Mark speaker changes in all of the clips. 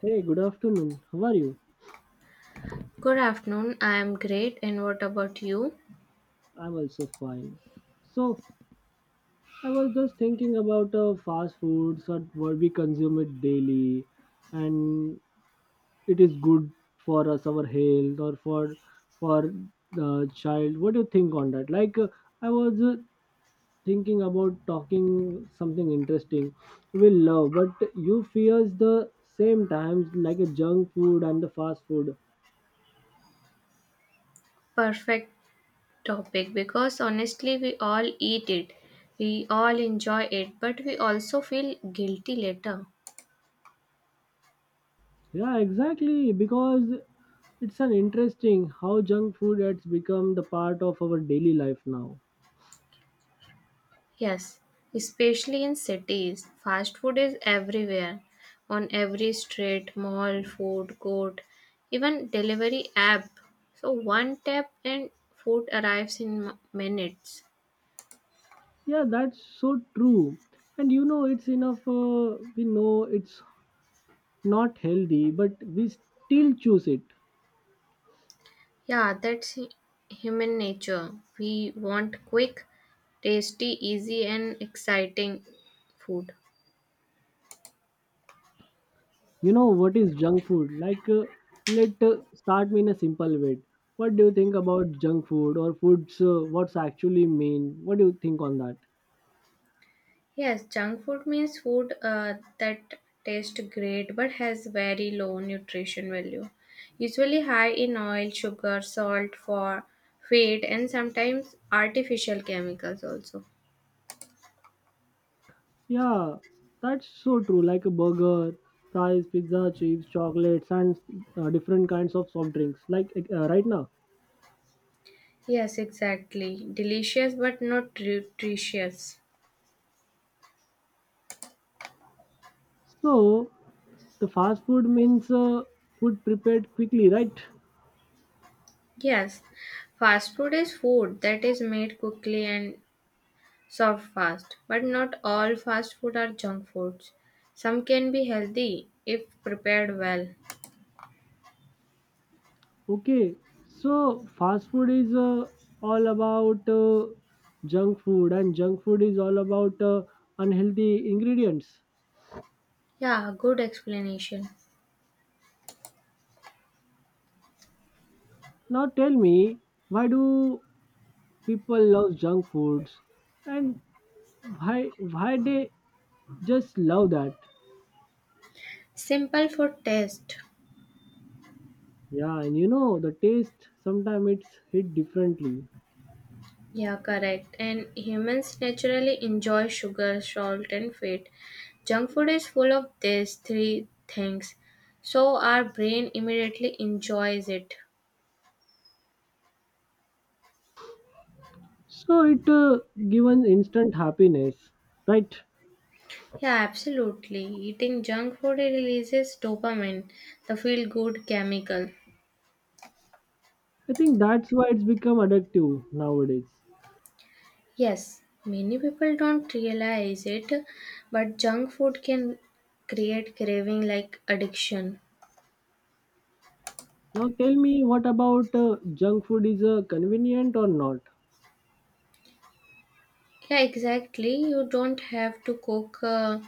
Speaker 1: Hey, good afternoon. How are you?
Speaker 2: Good afternoon. I am great. And what about you?
Speaker 1: I'm also fine. So, I was just thinking about fast foods and what we consume it daily, and it is good for us, our health, or for the child. What do you think on that? Like, I was thinking about talking something interesting we love, but you fears the same times like a junk food and the fast food.
Speaker 2: Perfect topic because honestly, we all eat it. We all enjoy it, but we also feel guilty later.
Speaker 1: Yeah, exactly. Because it's an interesting how junk food has become the part of our daily life now.
Speaker 2: Yes, especially in cities. Fast food is everywhere on every street, mall, food court, even delivery app. So, one tap and food arrives in minutes.
Speaker 1: Yeah, that's so true. And you know, it's enough. We know it's not healthy, but we still choose it.
Speaker 2: Yeah, that's human nature. We want quick, tasty, easy, and exciting food.
Speaker 1: You know what is junk food? Like, let start me in a simple way. What do you think about junk food or foods? What's actually mean? What do you think on that?
Speaker 2: Yes, junk food means food that tastes great but has very low nutrition value. Usually high in oil, sugar, salt, for fat, and sometimes artificial chemicals also.
Speaker 1: Yeah, that's so true. Like a burger, fries, pizza, chips, chocolates, and different kinds of soft drinks. Like, right now.
Speaker 2: Yes, exactly. Delicious but not nutritious.
Speaker 1: So the fast food means food prepared quickly, right?
Speaker 2: Yes, fast food is food that is made quickly and soft fast, but not all fast food are junk foods. Some can be healthy if prepared well.
Speaker 1: Okay. So fast food is all about junk food, and junk food is all about unhealthy ingredients.
Speaker 2: Yeah, good explanation.
Speaker 1: Now tell me, why do people love junk foods, and why they just love that.
Speaker 2: Simple for taste.
Speaker 1: Yeah, and you know the taste sometimes it's hit differently.
Speaker 2: Yeah, correct. And humans naturally enjoy sugar, salt, and fat. Junk food is full of these three things, so our brain immediately enjoys it.
Speaker 1: So it given instant happiness, right?
Speaker 2: Yeah, absolutely. Eating junk food releases dopamine, the feel good chemical.
Speaker 1: I think that's why it's become addictive nowadays.
Speaker 2: Yes, many people don't realize it, but junk food can create craving like addiction.
Speaker 1: Now tell me, what about junk food is convenient or not?
Speaker 2: Yeah, exactly. You don't have to cook,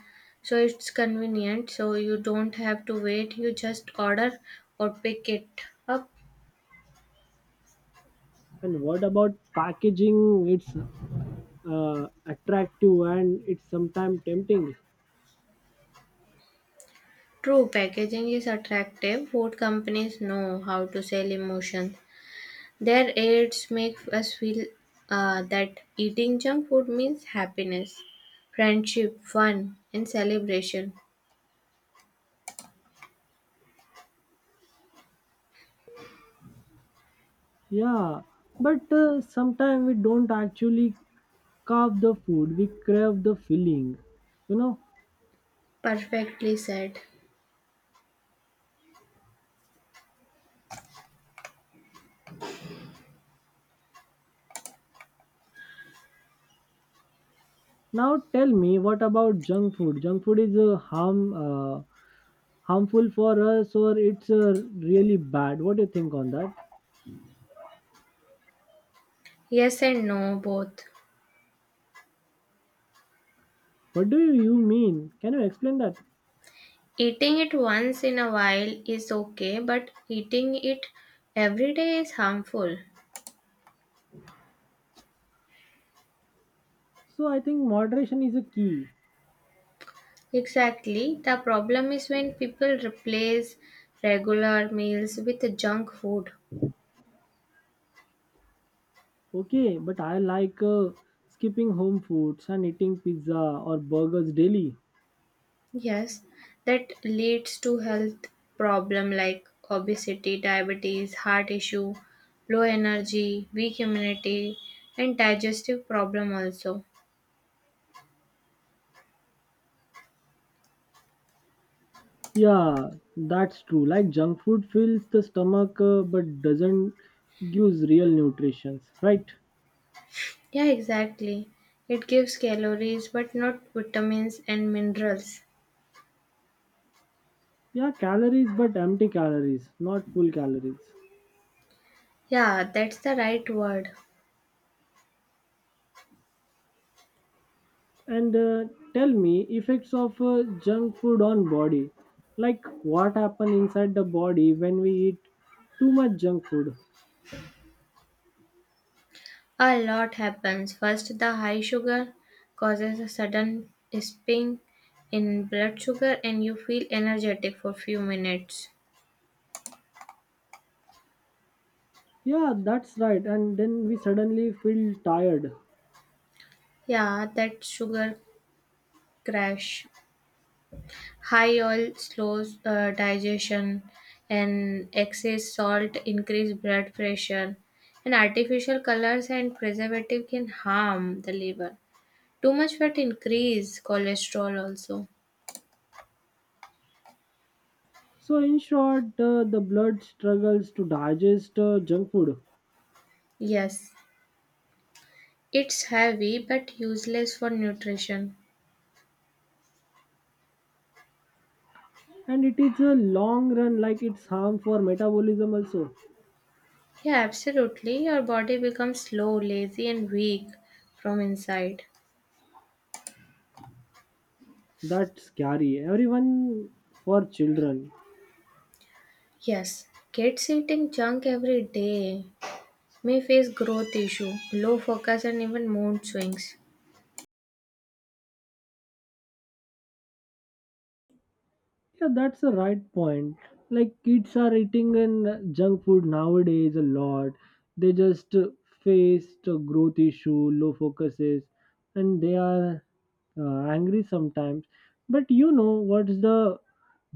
Speaker 2: so it's convenient. So you don't have to wait. You just order or pick it up.
Speaker 1: And what about packaging? It's attractive and it's sometimes tempting.
Speaker 2: True, packaging is attractive. Food companies know how to sell emotions. Their ads make us feel that eating junk food means happiness, friendship, fun, and celebration.
Speaker 1: Yeah, but sometimes we don't actually carve the food, we crave the filling, you know.
Speaker 2: Perfectly said.
Speaker 1: Now tell me, what about junk food? Junk food is harmful for us, or it's really bad. What do you think on that?
Speaker 2: Yes and no, both.
Speaker 1: What do you mean? Can you explain that?
Speaker 2: Eating it once in a while is okay, but eating it every day is harmful.
Speaker 1: So I think moderation is a key.
Speaker 2: Exactly. The problem is when people replace regular meals with junk food.
Speaker 1: Okay, but I like skipping home foods and eating pizza or burgers daily.
Speaker 2: Yes, that leads to health problem like obesity, diabetes, heart issue, low energy, weak immunity, and digestive problem also.
Speaker 1: Yeah, that's true. Like junk food fills the stomach, but doesn't gives real nutrition, right?
Speaker 2: Yeah, exactly. It gives calories but not vitamins and minerals.
Speaker 1: Yeah, calories, but empty calories, not full calories.
Speaker 2: Yeah, that's the right word.
Speaker 1: And tell me effects of junk food on body, like what happen inside the body when we eat too much junk food.
Speaker 2: A lot happens. First, the high sugar causes a sudden spike in blood sugar and you feel energetic for few minutes.
Speaker 1: Yeah, that's right, and then we suddenly feel tired.
Speaker 2: Yeah, that sugar crash, high oil slows digestion, and excess salt increase blood pressure, and artificial colors and preservative can harm the liver. Too much fat increase cholesterol also.
Speaker 1: So in short, the blood struggles to digest junk food.
Speaker 2: Yes, it's heavy but useless for nutrition.
Speaker 1: And it is a long run, like it's harm for metabolism also.
Speaker 2: Yeah, absolutely. Your body becomes slow, lazy, and weak from inside.
Speaker 1: That's scary, everyone, for children.
Speaker 2: Yes, kids eating junk every day may face growth issue, low focus, and even mood swings.
Speaker 1: Yeah, that's the right point. Like kids are eating and junk food nowadays a lot. They just faced a growth issue, low focuses, and they are angry sometimes. But you know what's the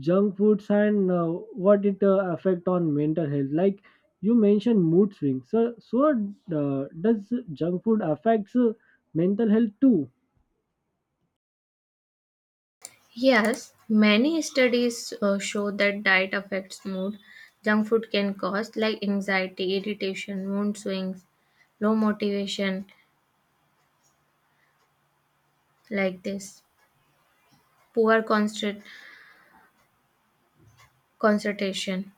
Speaker 1: junk foods and what it affect on mental health? Like you mentioned mood swings. So, does junk food affects mental health too?
Speaker 2: Yes, many studies show that diet affects mood. Junk food can cause like anxiety, irritation, mood swings, low motivation, like this, poor concent- concentration.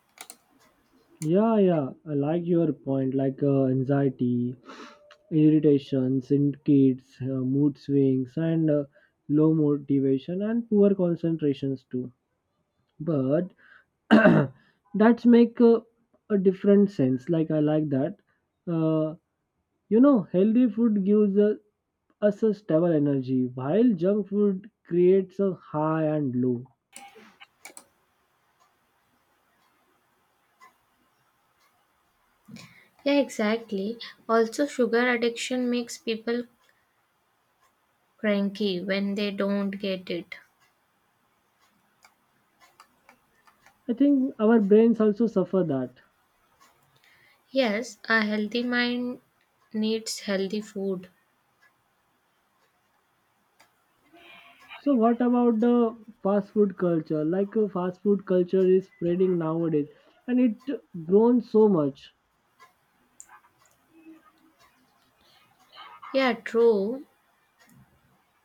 Speaker 1: Yeah, yeah, I like your point, like anxiety, irritations in kids, mood swings, and low motivation and poor concentrations too. But that's make a different sense. Like I like that. Uh, Healthy food gives us a stable energy, while junk food creates a high and low.
Speaker 2: Yeah, exactly. Also, sugar addiction makes people cranky when they don't get it.
Speaker 1: I think our brains also suffer that.
Speaker 2: Yes, a healthy mind needs healthy food.
Speaker 1: So what about the fast food culture? Like fast food culture is spreading nowadays and it grown so much.
Speaker 2: Yeah, true.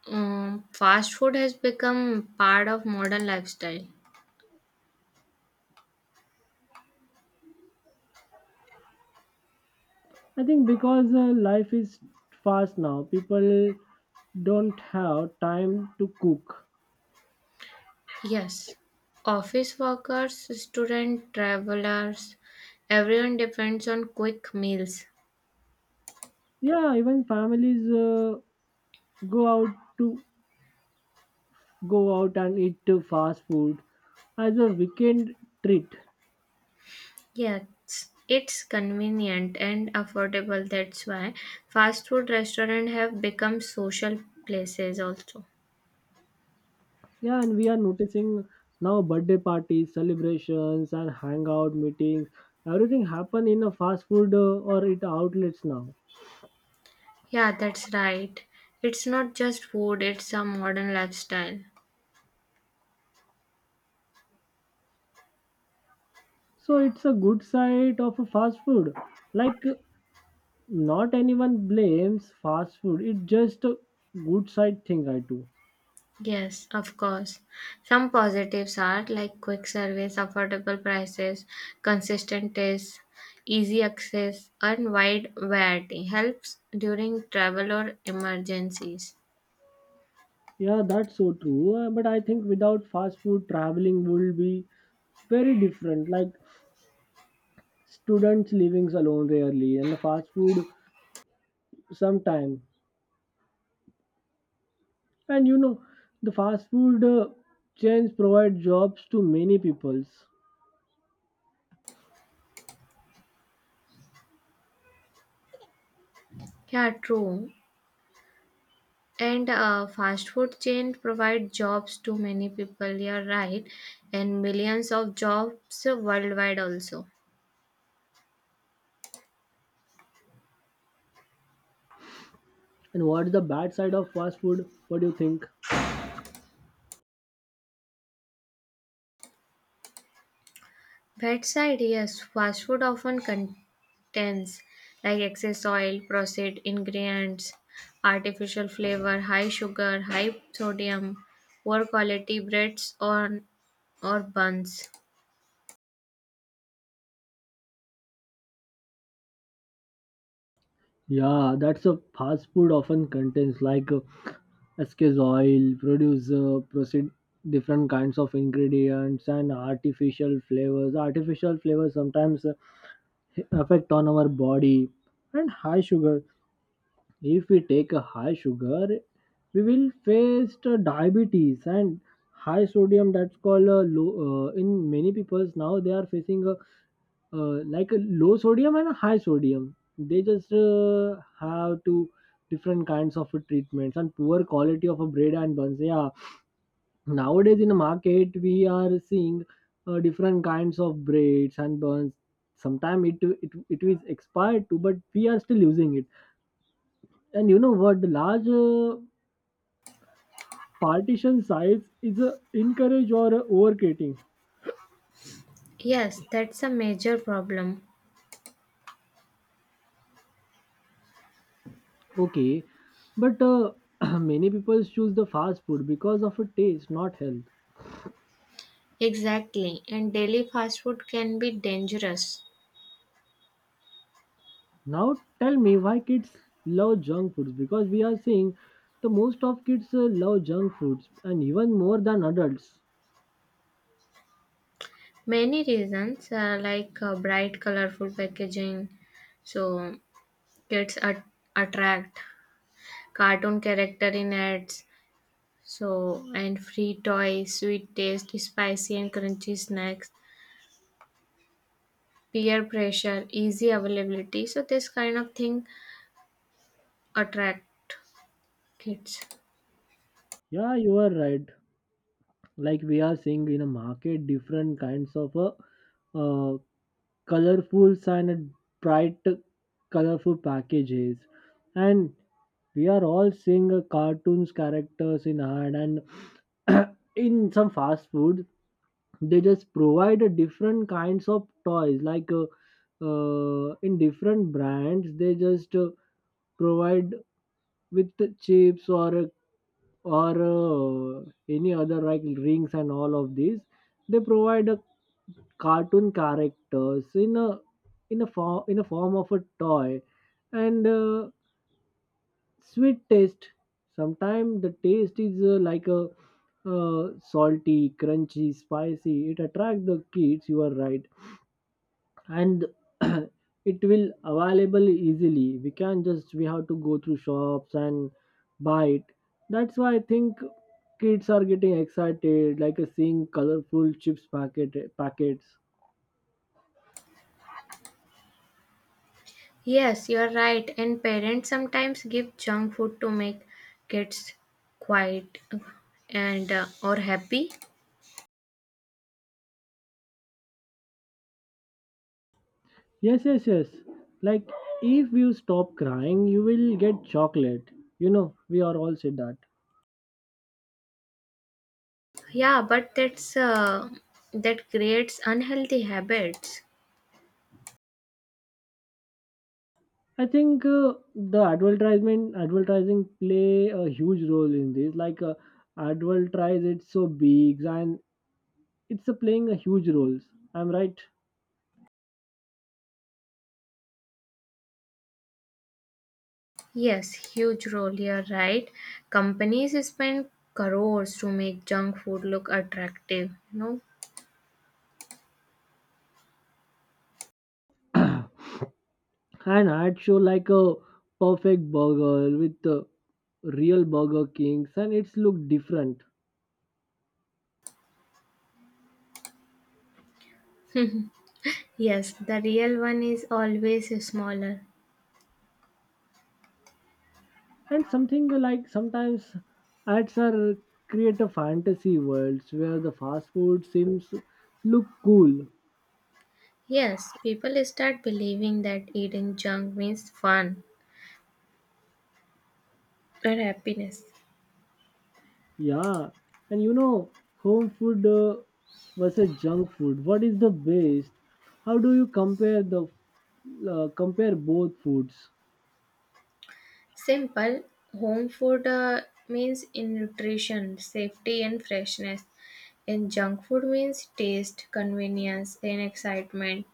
Speaker 2: Fast food has become part of modern lifestyle.
Speaker 1: I think because life is fast now, people don't have time to cook.
Speaker 2: Yes, office workers, student travelers, everyone depends on quick meals.
Speaker 1: Yeah, even families go out to go out and eat fast food as a weekend treat.
Speaker 2: Yes, it's convenient and affordable. That's why fast food restaurants have become social places also.
Speaker 1: Yeah, and we are noticing now birthday parties, celebrations, and hangout meetings. Everything happen in a fast food or it outlets now.
Speaker 2: Yeah, that's right. It's not just food, it's a modern lifestyle.
Speaker 1: So it's a good side of a fast food. Like not anyone blames fast food. It's just a good side thing I do.
Speaker 2: Yes, of course. Some positives are like quick service, affordable prices, consistent taste, easy access, and wide variety. Helps during travel or emergencies.
Speaker 1: Yeah, that's so true. But I think without fast food, traveling would be very different. Like students living alone rarely, and the fast food sometime. And you know, the fast food chains provide jobs to many peoples.
Speaker 2: Yeah, true. And fast food chain provide jobs to many people. You're right, and millions of jobs worldwide also.
Speaker 1: And what's the bad side of fast food? What do you think?
Speaker 2: Bedside, yes, fast food often contains like excess oil, processed ingredients, artificial flavor, high sugar, high sodium, poor quality breads or buns.
Speaker 1: Yeah, that's a fast food often contains like SK's oil, proceed different kinds of ingredients and artificial flavors. Artificial flavors sometimes affect on our body and high sugar. If we take a high sugar, we will face the diabetes and high sodium. That's called a low. In many people's now, they are facing a like a low sodium and a high sodium. They just have two different kinds of treatments and poor quality of a bread and buns. Yeah, nowadays in the market we are seeing different kinds of breads and buns. Sometimes it is expired too, but we are still using it. And you know what? The large partition size is a encourage or overcreating.
Speaker 2: Yes, that's a major problem.
Speaker 1: Okay, but many people choose the fast food because of a taste, not health.
Speaker 2: Exactly, and daily fast food can be dangerous.
Speaker 1: Now tell me why kids love junk foods, because we are seeing the most of kids love junk foods and even more than adults.
Speaker 2: Many reasons bright, colorful packaging, so kids at- attract cartoon character in ads, so, and free toys, sweet taste, spicy and crunchy snacks, peer pressure, easy availability. So, this kind of thing attract kids.
Speaker 1: Yeah, you are right. Like we are seeing in a market different kinds of uh, colorful sign and bright colorful packages, and we are all seeing a cartoons characters in hand and in some fast food they just provide a different kinds of toys like in different brands they just provide with the chips or any other like rings, and all of these they provide a cartoon characters in a in a form of a toy, and sweet taste. Sometimes the taste is like a uh, salty, crunchy, spicy, it attract the kids, you are right. And it will available easily, we can just, we have to go through shops and buy it. That's why I think kids are getting excited like a seeing colorful chips packets.
Speaker 2: Yes, you are right. And parents sometimes give junk food to make kids quiet and or happy.
Speaker 1: Yes, yes, yes. Like, if you stop crying, you will get chocolate. You know, we are all said that.
Speaker 2: Yeah, but that creates unhealthy habits.
Speaker 1: I think the advertising play a huge role in this. Like, advertise it so big and it's playing a huge role. I'm right.
Speaker 2: Yes, huge role, you're right. Companies spend crores to make junk food look attractive, no?
Speaker 1: And I'd show like a perfect burger with real Burger Kings, and it's look different.
Speaker 2: Yes, the real one is always smaller.
Speaker 1: And something like sometimes ads are create a fantasy worlds where the fast food seems look cool.
Speaker 2: Yes, people start believing that eating junk means fun or happiness.
Speaker 1: Yeah, and you know, home food versus junk food. What is the best? How do you compare the compare both foods?
Speaker 2: Simple, home food means in nutrition, safety, and freshness. And junk food means taste, convenience, and excitement.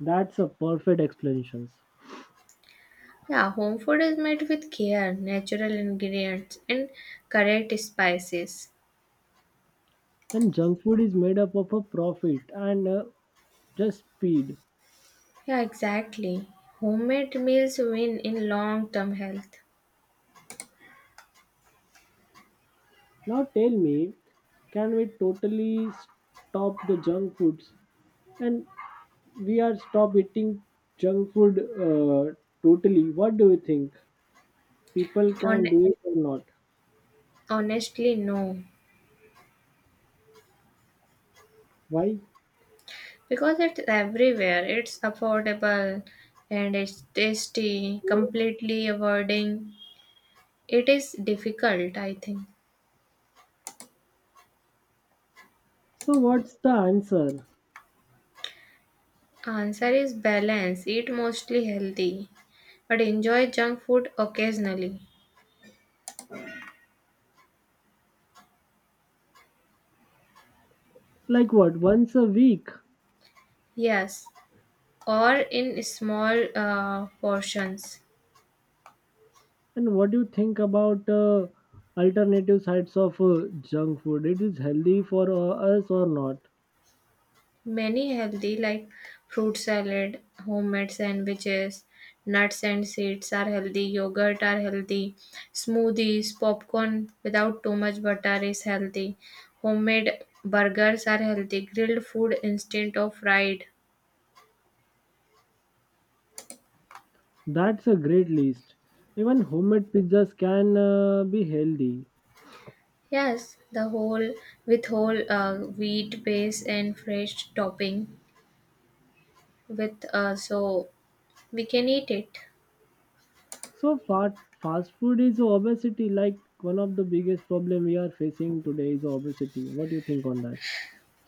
Speaker 1: That's a perfect explanations.
Speaker 2: Yeah, home food is made with care, natural ingredients, and correct spices.
Speaker 1: And junk food is made up of a profit and just speed.
Speaker 2: Yeah, exactly. Homemade meals win in long term health.
Speaker 1: Now tell me, can we totally stop the junk foods? And we are stop eating junk food totally, what do you think, people
Speaker 2: On-
Speaker 1: can do it or not?
Speaker 2: Honestly, no.
Speaker 1: Why?
Speaker 2: Because it's everywhere, it's affordable and it's tasty, completely avoiding. It is difficult, I think.
Speaker 1: So what's the answer?
Speaker 2: Answer is balance. Eat mostly healthy, but enjoy junk food occasionally.
Speaker 1: Like what, once a week?
Speaker 2: Yes, or in small portions.
Speaker 1: And what do you think about alternative sides of junk food, it is healthy for us or not?
Speaker 2: Many healthy, like fruit salad, homemade sandwiches, nuts and seeds are healthy, yogurt are healthy, smoothies, popcorn without too much butter is healthy, homemade burgers are healthy, grilled food instead of fried.
Speaker 1: That's a great list. Even homemade pizzas can be healthy.
Speaker 2: Yes, the whole with whole wheat base and fresh topping with so we can eat it.
Speaker 1: So fast food is obesity, like one of the biggest problem we are facing today is obesity. What do you think on that?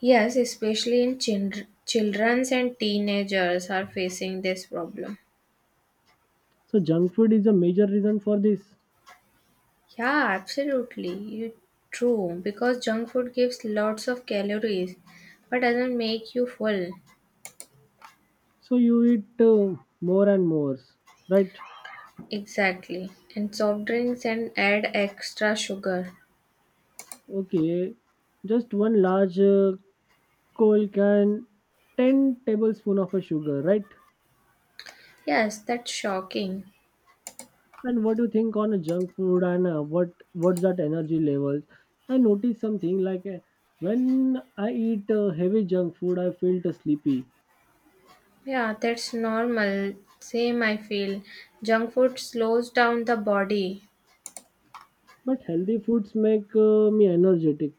Speaker 2: Yes, especially in children, children's and teenagers are facing this problem.
Speaker 1: So junk food is a major reason for this.
Speaker 2: Yeah, absolutely. You true because junk food gives lots of calories but doesn't make you full.
Speaker 1: So you eat more and more, right?
Speaker 2: Exactly. And soft drinks and add extra sugar.
Speaker 1: Okay, just one large coal can, ten tablespoon of a sugar, right?
Speaker 2: Yes, that's shocking.
Speaker 1: And what do you think on a junk food and what's that energy levels? I notice something like when I eat heavy junk food, I feel too sleepy.
Speaker 2: Yeah, that's normal. Same I feel. Junk food slows down the body.
Speaker 1: But healthy foods make me energetic.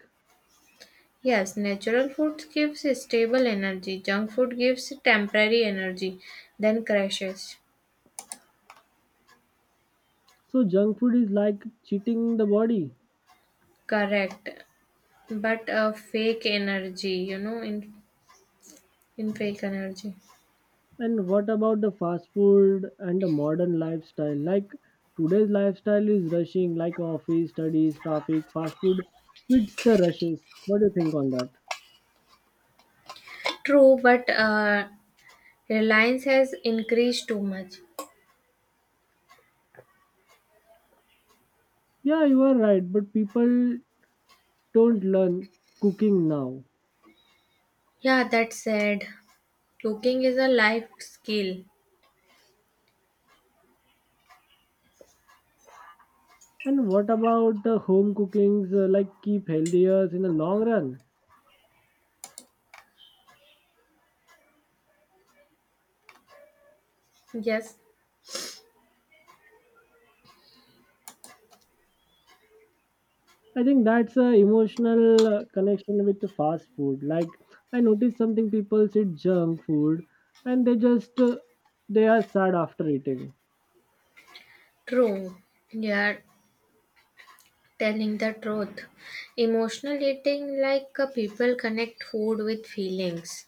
Speaker 2: Yes, natural food gives stable energy, junk food gives temporary energy, then crashes.
Speaker 1: So junk food is like cheating the body.
Speaker 2: Correct. But fake energy, in fake energy.
Speaker 1: And what about the fast food and the modern lifestyle? Like today's lifestyle is rushing, like office, studies, traffic, fast food quits the rushes. What do you think on that?
Speaker 2: True, but reliance has increased too much.
Speaker 1: Yeah, you are right, but people don't learn cooking now.
Speaker 2: Yeah, that's sad. Cooking is a life skill.
Speaker 1: And what about the home cookings, like keep healthier in the long run?
Speaker 2: Yes,
Speaker 1: I think that's a emotional connection with the fast food. Like I noticed something, people eat junk food and they are sad after eating.
Speaker 2: true. You are telling the truth. Emotional eating, like people connect food with feelings.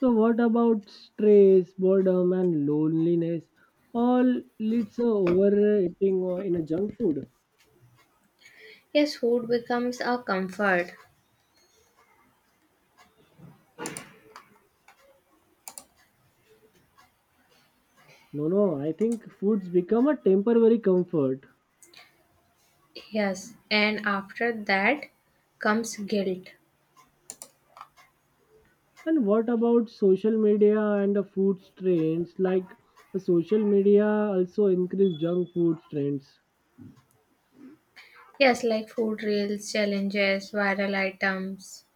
Speaker 1: So what about stress, boredom and loneliness? All leads to overeating in a junk food.
Speaker 2: Yes, food becomes a comfort.
Speaker 1: No, no, I think foods become a temporary comfort.
Speaker 2: Yes, and after that comes guilt.
Speaker 1: And what about social media and the food trends? Like the social media also increase junk food trends.
Speaker 2: Yes, like food reels, challenges, viral items.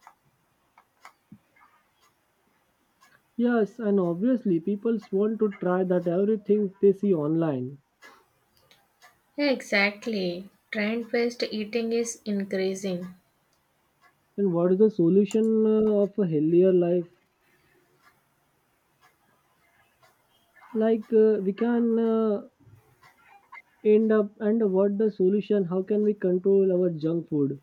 Speaker 1: Yes, and obviously people want to try that everything they see online.
Speaker 2: Yeah, exactly. Trend based eating is increasing.
Speaker 1: And what is the solution of a healthier life? Like we can end up, and what the solution? How can we control our junk food?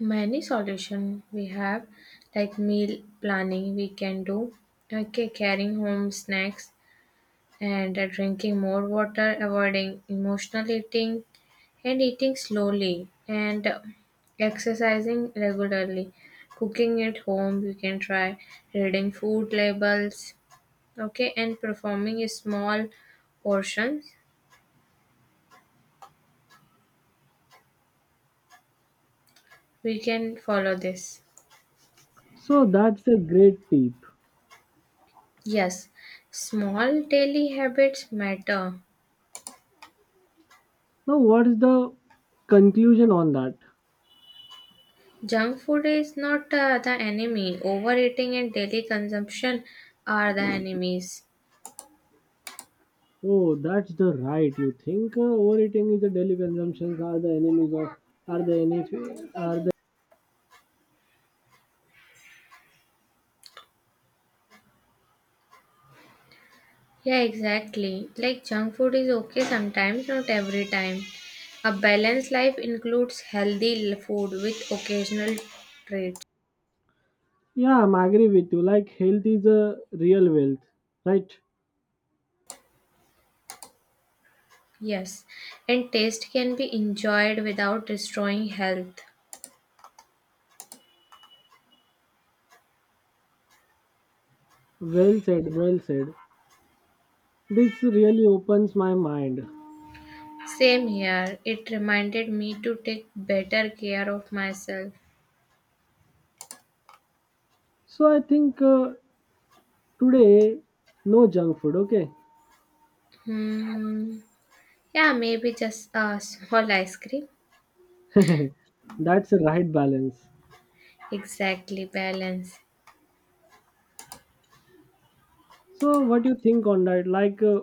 Speaker 2: Many solution we have like meal planning we can do. Okay, carrying home snacks and drinking more water, avoiding emotional eating, and eating slowly, and exercising regularly, cooking at home. You can try reading food labels, okay, and performing small portions. We can follow this.
Speaker 1: So that's a great tip.
Speaker 2: Yes, small daily habits matter.
Speaker 1: Now what is the conclusion on that?
Speaker 2: Junk food is not the enemy. Overeating and daily consumption are the enemies.
Speaker 1: Oh, that's the right. You think overeating is a daily consumptions, are the enemies of? Are the any? Are the?
Speaker 2: Yeah, exactly. Like junk food is okay sometimes, not every time. A balanced life includes food with occasional treats.
Speaker 1: Yeah, I'm agree with you. Like health is a real wealth, right?
Speaker 2: Yes, and taste can be enjoyed without destroying health.
Speaker 1: Well said, well said. This really opens my mind.
Speaker 2: Same here. It reminded me to take better care of myself.
Speaker 1: So I think today, no junk food, okay?
Speaker 2: Hmm. Yeah, maybe just a small ice cream.
Speaker 1: That's the right balance.
Speaker 2: Exactly, balance.
Speaker 1: So what do you think on that? Like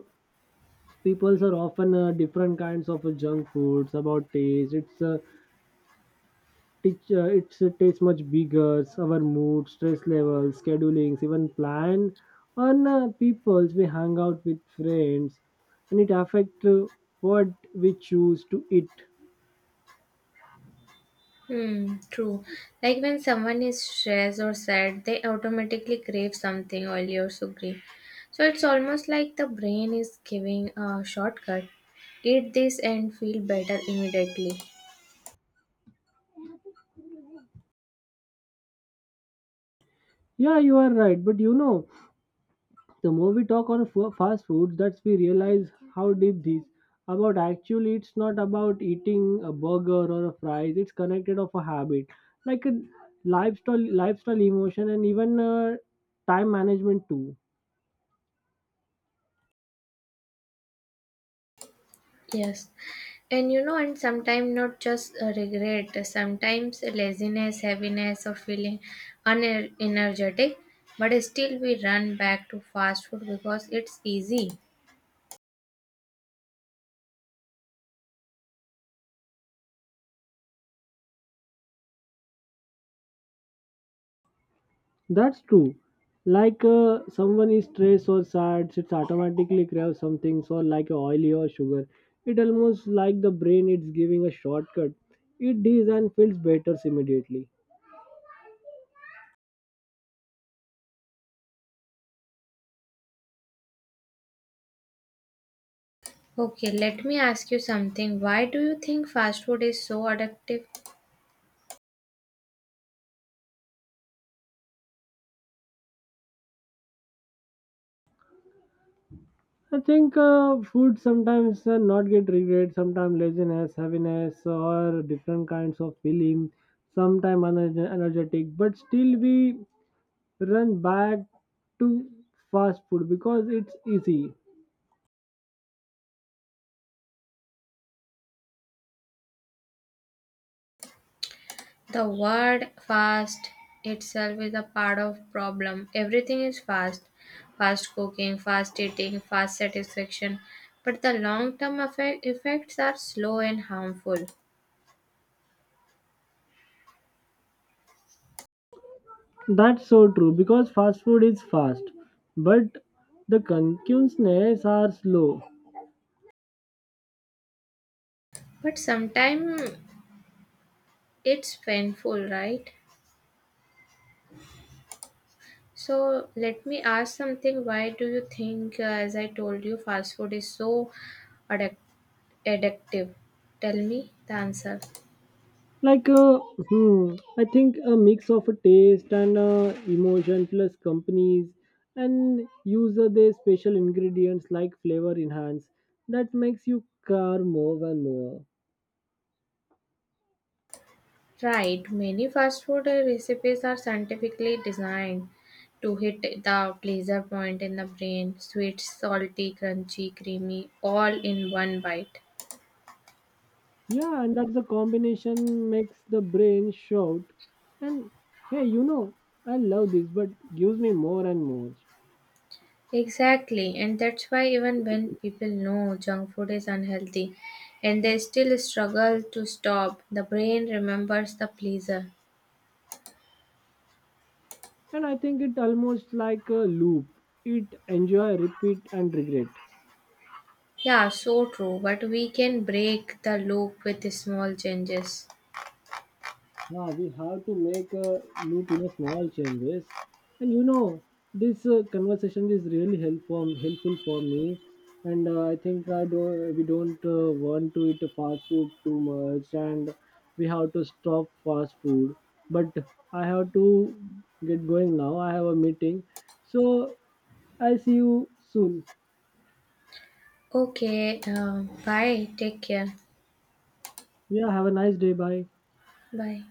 Speaker 1: people's are often different kinds of junk foods about taste. It's teach, it's taste much bigger. Our mood, stress levels, schedulings, even plan on people's we hang out with friends, and it affect what we choose to eat.
Speaker 2: Hmm, true. Like when someone is stressed or sad, they automatically crave something oily or sugary. So it's almost like the brain is giving a shortcut. Eat this and feel better immediately.
Speaker 1: Yeah, you are right. But you know, the more we talk on fast foods, that's we realize how deep these about. Actually, it's not about eating a burger or a fries. It's connected of a habit, like a lifestyle emotion, and even time management too.
Speaker 2: Yes. And sometimes not just regret, sometimes laziness, heaviness, or feeling unenergetic, but still we run back to fast food because it's easy.
Speaker 1: That's true. Like someone is stressed or sad, it's automatically crave something. So like oily or sugar, it almost like the brain it's giving a shortcut. Eat these and feels better immediately.
Speaker 2: Okay, let me ask you something. Why do you think fast food is so addictive?
Speaker 1: I think food sometimes not get regret, sometimes laziness, heaviness, or different kinds of feeling, sometimes energetic, but still we run back to fast food because it's easy.
Speaker 2: The word fast itself is a part of problem. Everything is fast. Fast cooking, fast eating, fast satisfaction. But the long term effects are slow and harmful.
Speaker 1: That's so true because fast food is fast, but the consumptions are slow.
Speaker 2: But sometimes it's painful, right? So let me ask something. Why do you think, as I told you, fast food is so addic- addictive? Tell me the answer.
Speaker 1: Like hmm, I think a mix of a taste and emotion plus companies and use of their special ingredients like flavor enhance that makes you car more and more.
Speaker 2: Right, many fast food recipes are scientifically designed to hit the pleasure point in the brain sweet, salty, crunchy, creamy, all in one bite.
Speaker 1: Yeah, and that's the combination makes the brain shout, and hey, you know, I love this, but gives me more and more.
Speaker 2: Exactly, and that's why even when people know junk food is unhealthy and they still struggle to stop, the brain remembers the pleasure.
Speaker 1: And I think it almost like a loop, it enjoy repeat and regret.
Speaker 2: Yeah, so true, but we can break the loop with small changes.
Speaker 1: Yeah, we have to make a loop in a small changes, and you know this conversation is really helpful for me, and I think I don't we don't want to eat fast food too much, and we have to stop fast food. But I have to get going now. I have a meeting, so I see you soon.
Speaker 2: Okay, bye, take care.
Speaker 1: Yeah, have a nice day. Bye.
Speaker 2: Bye.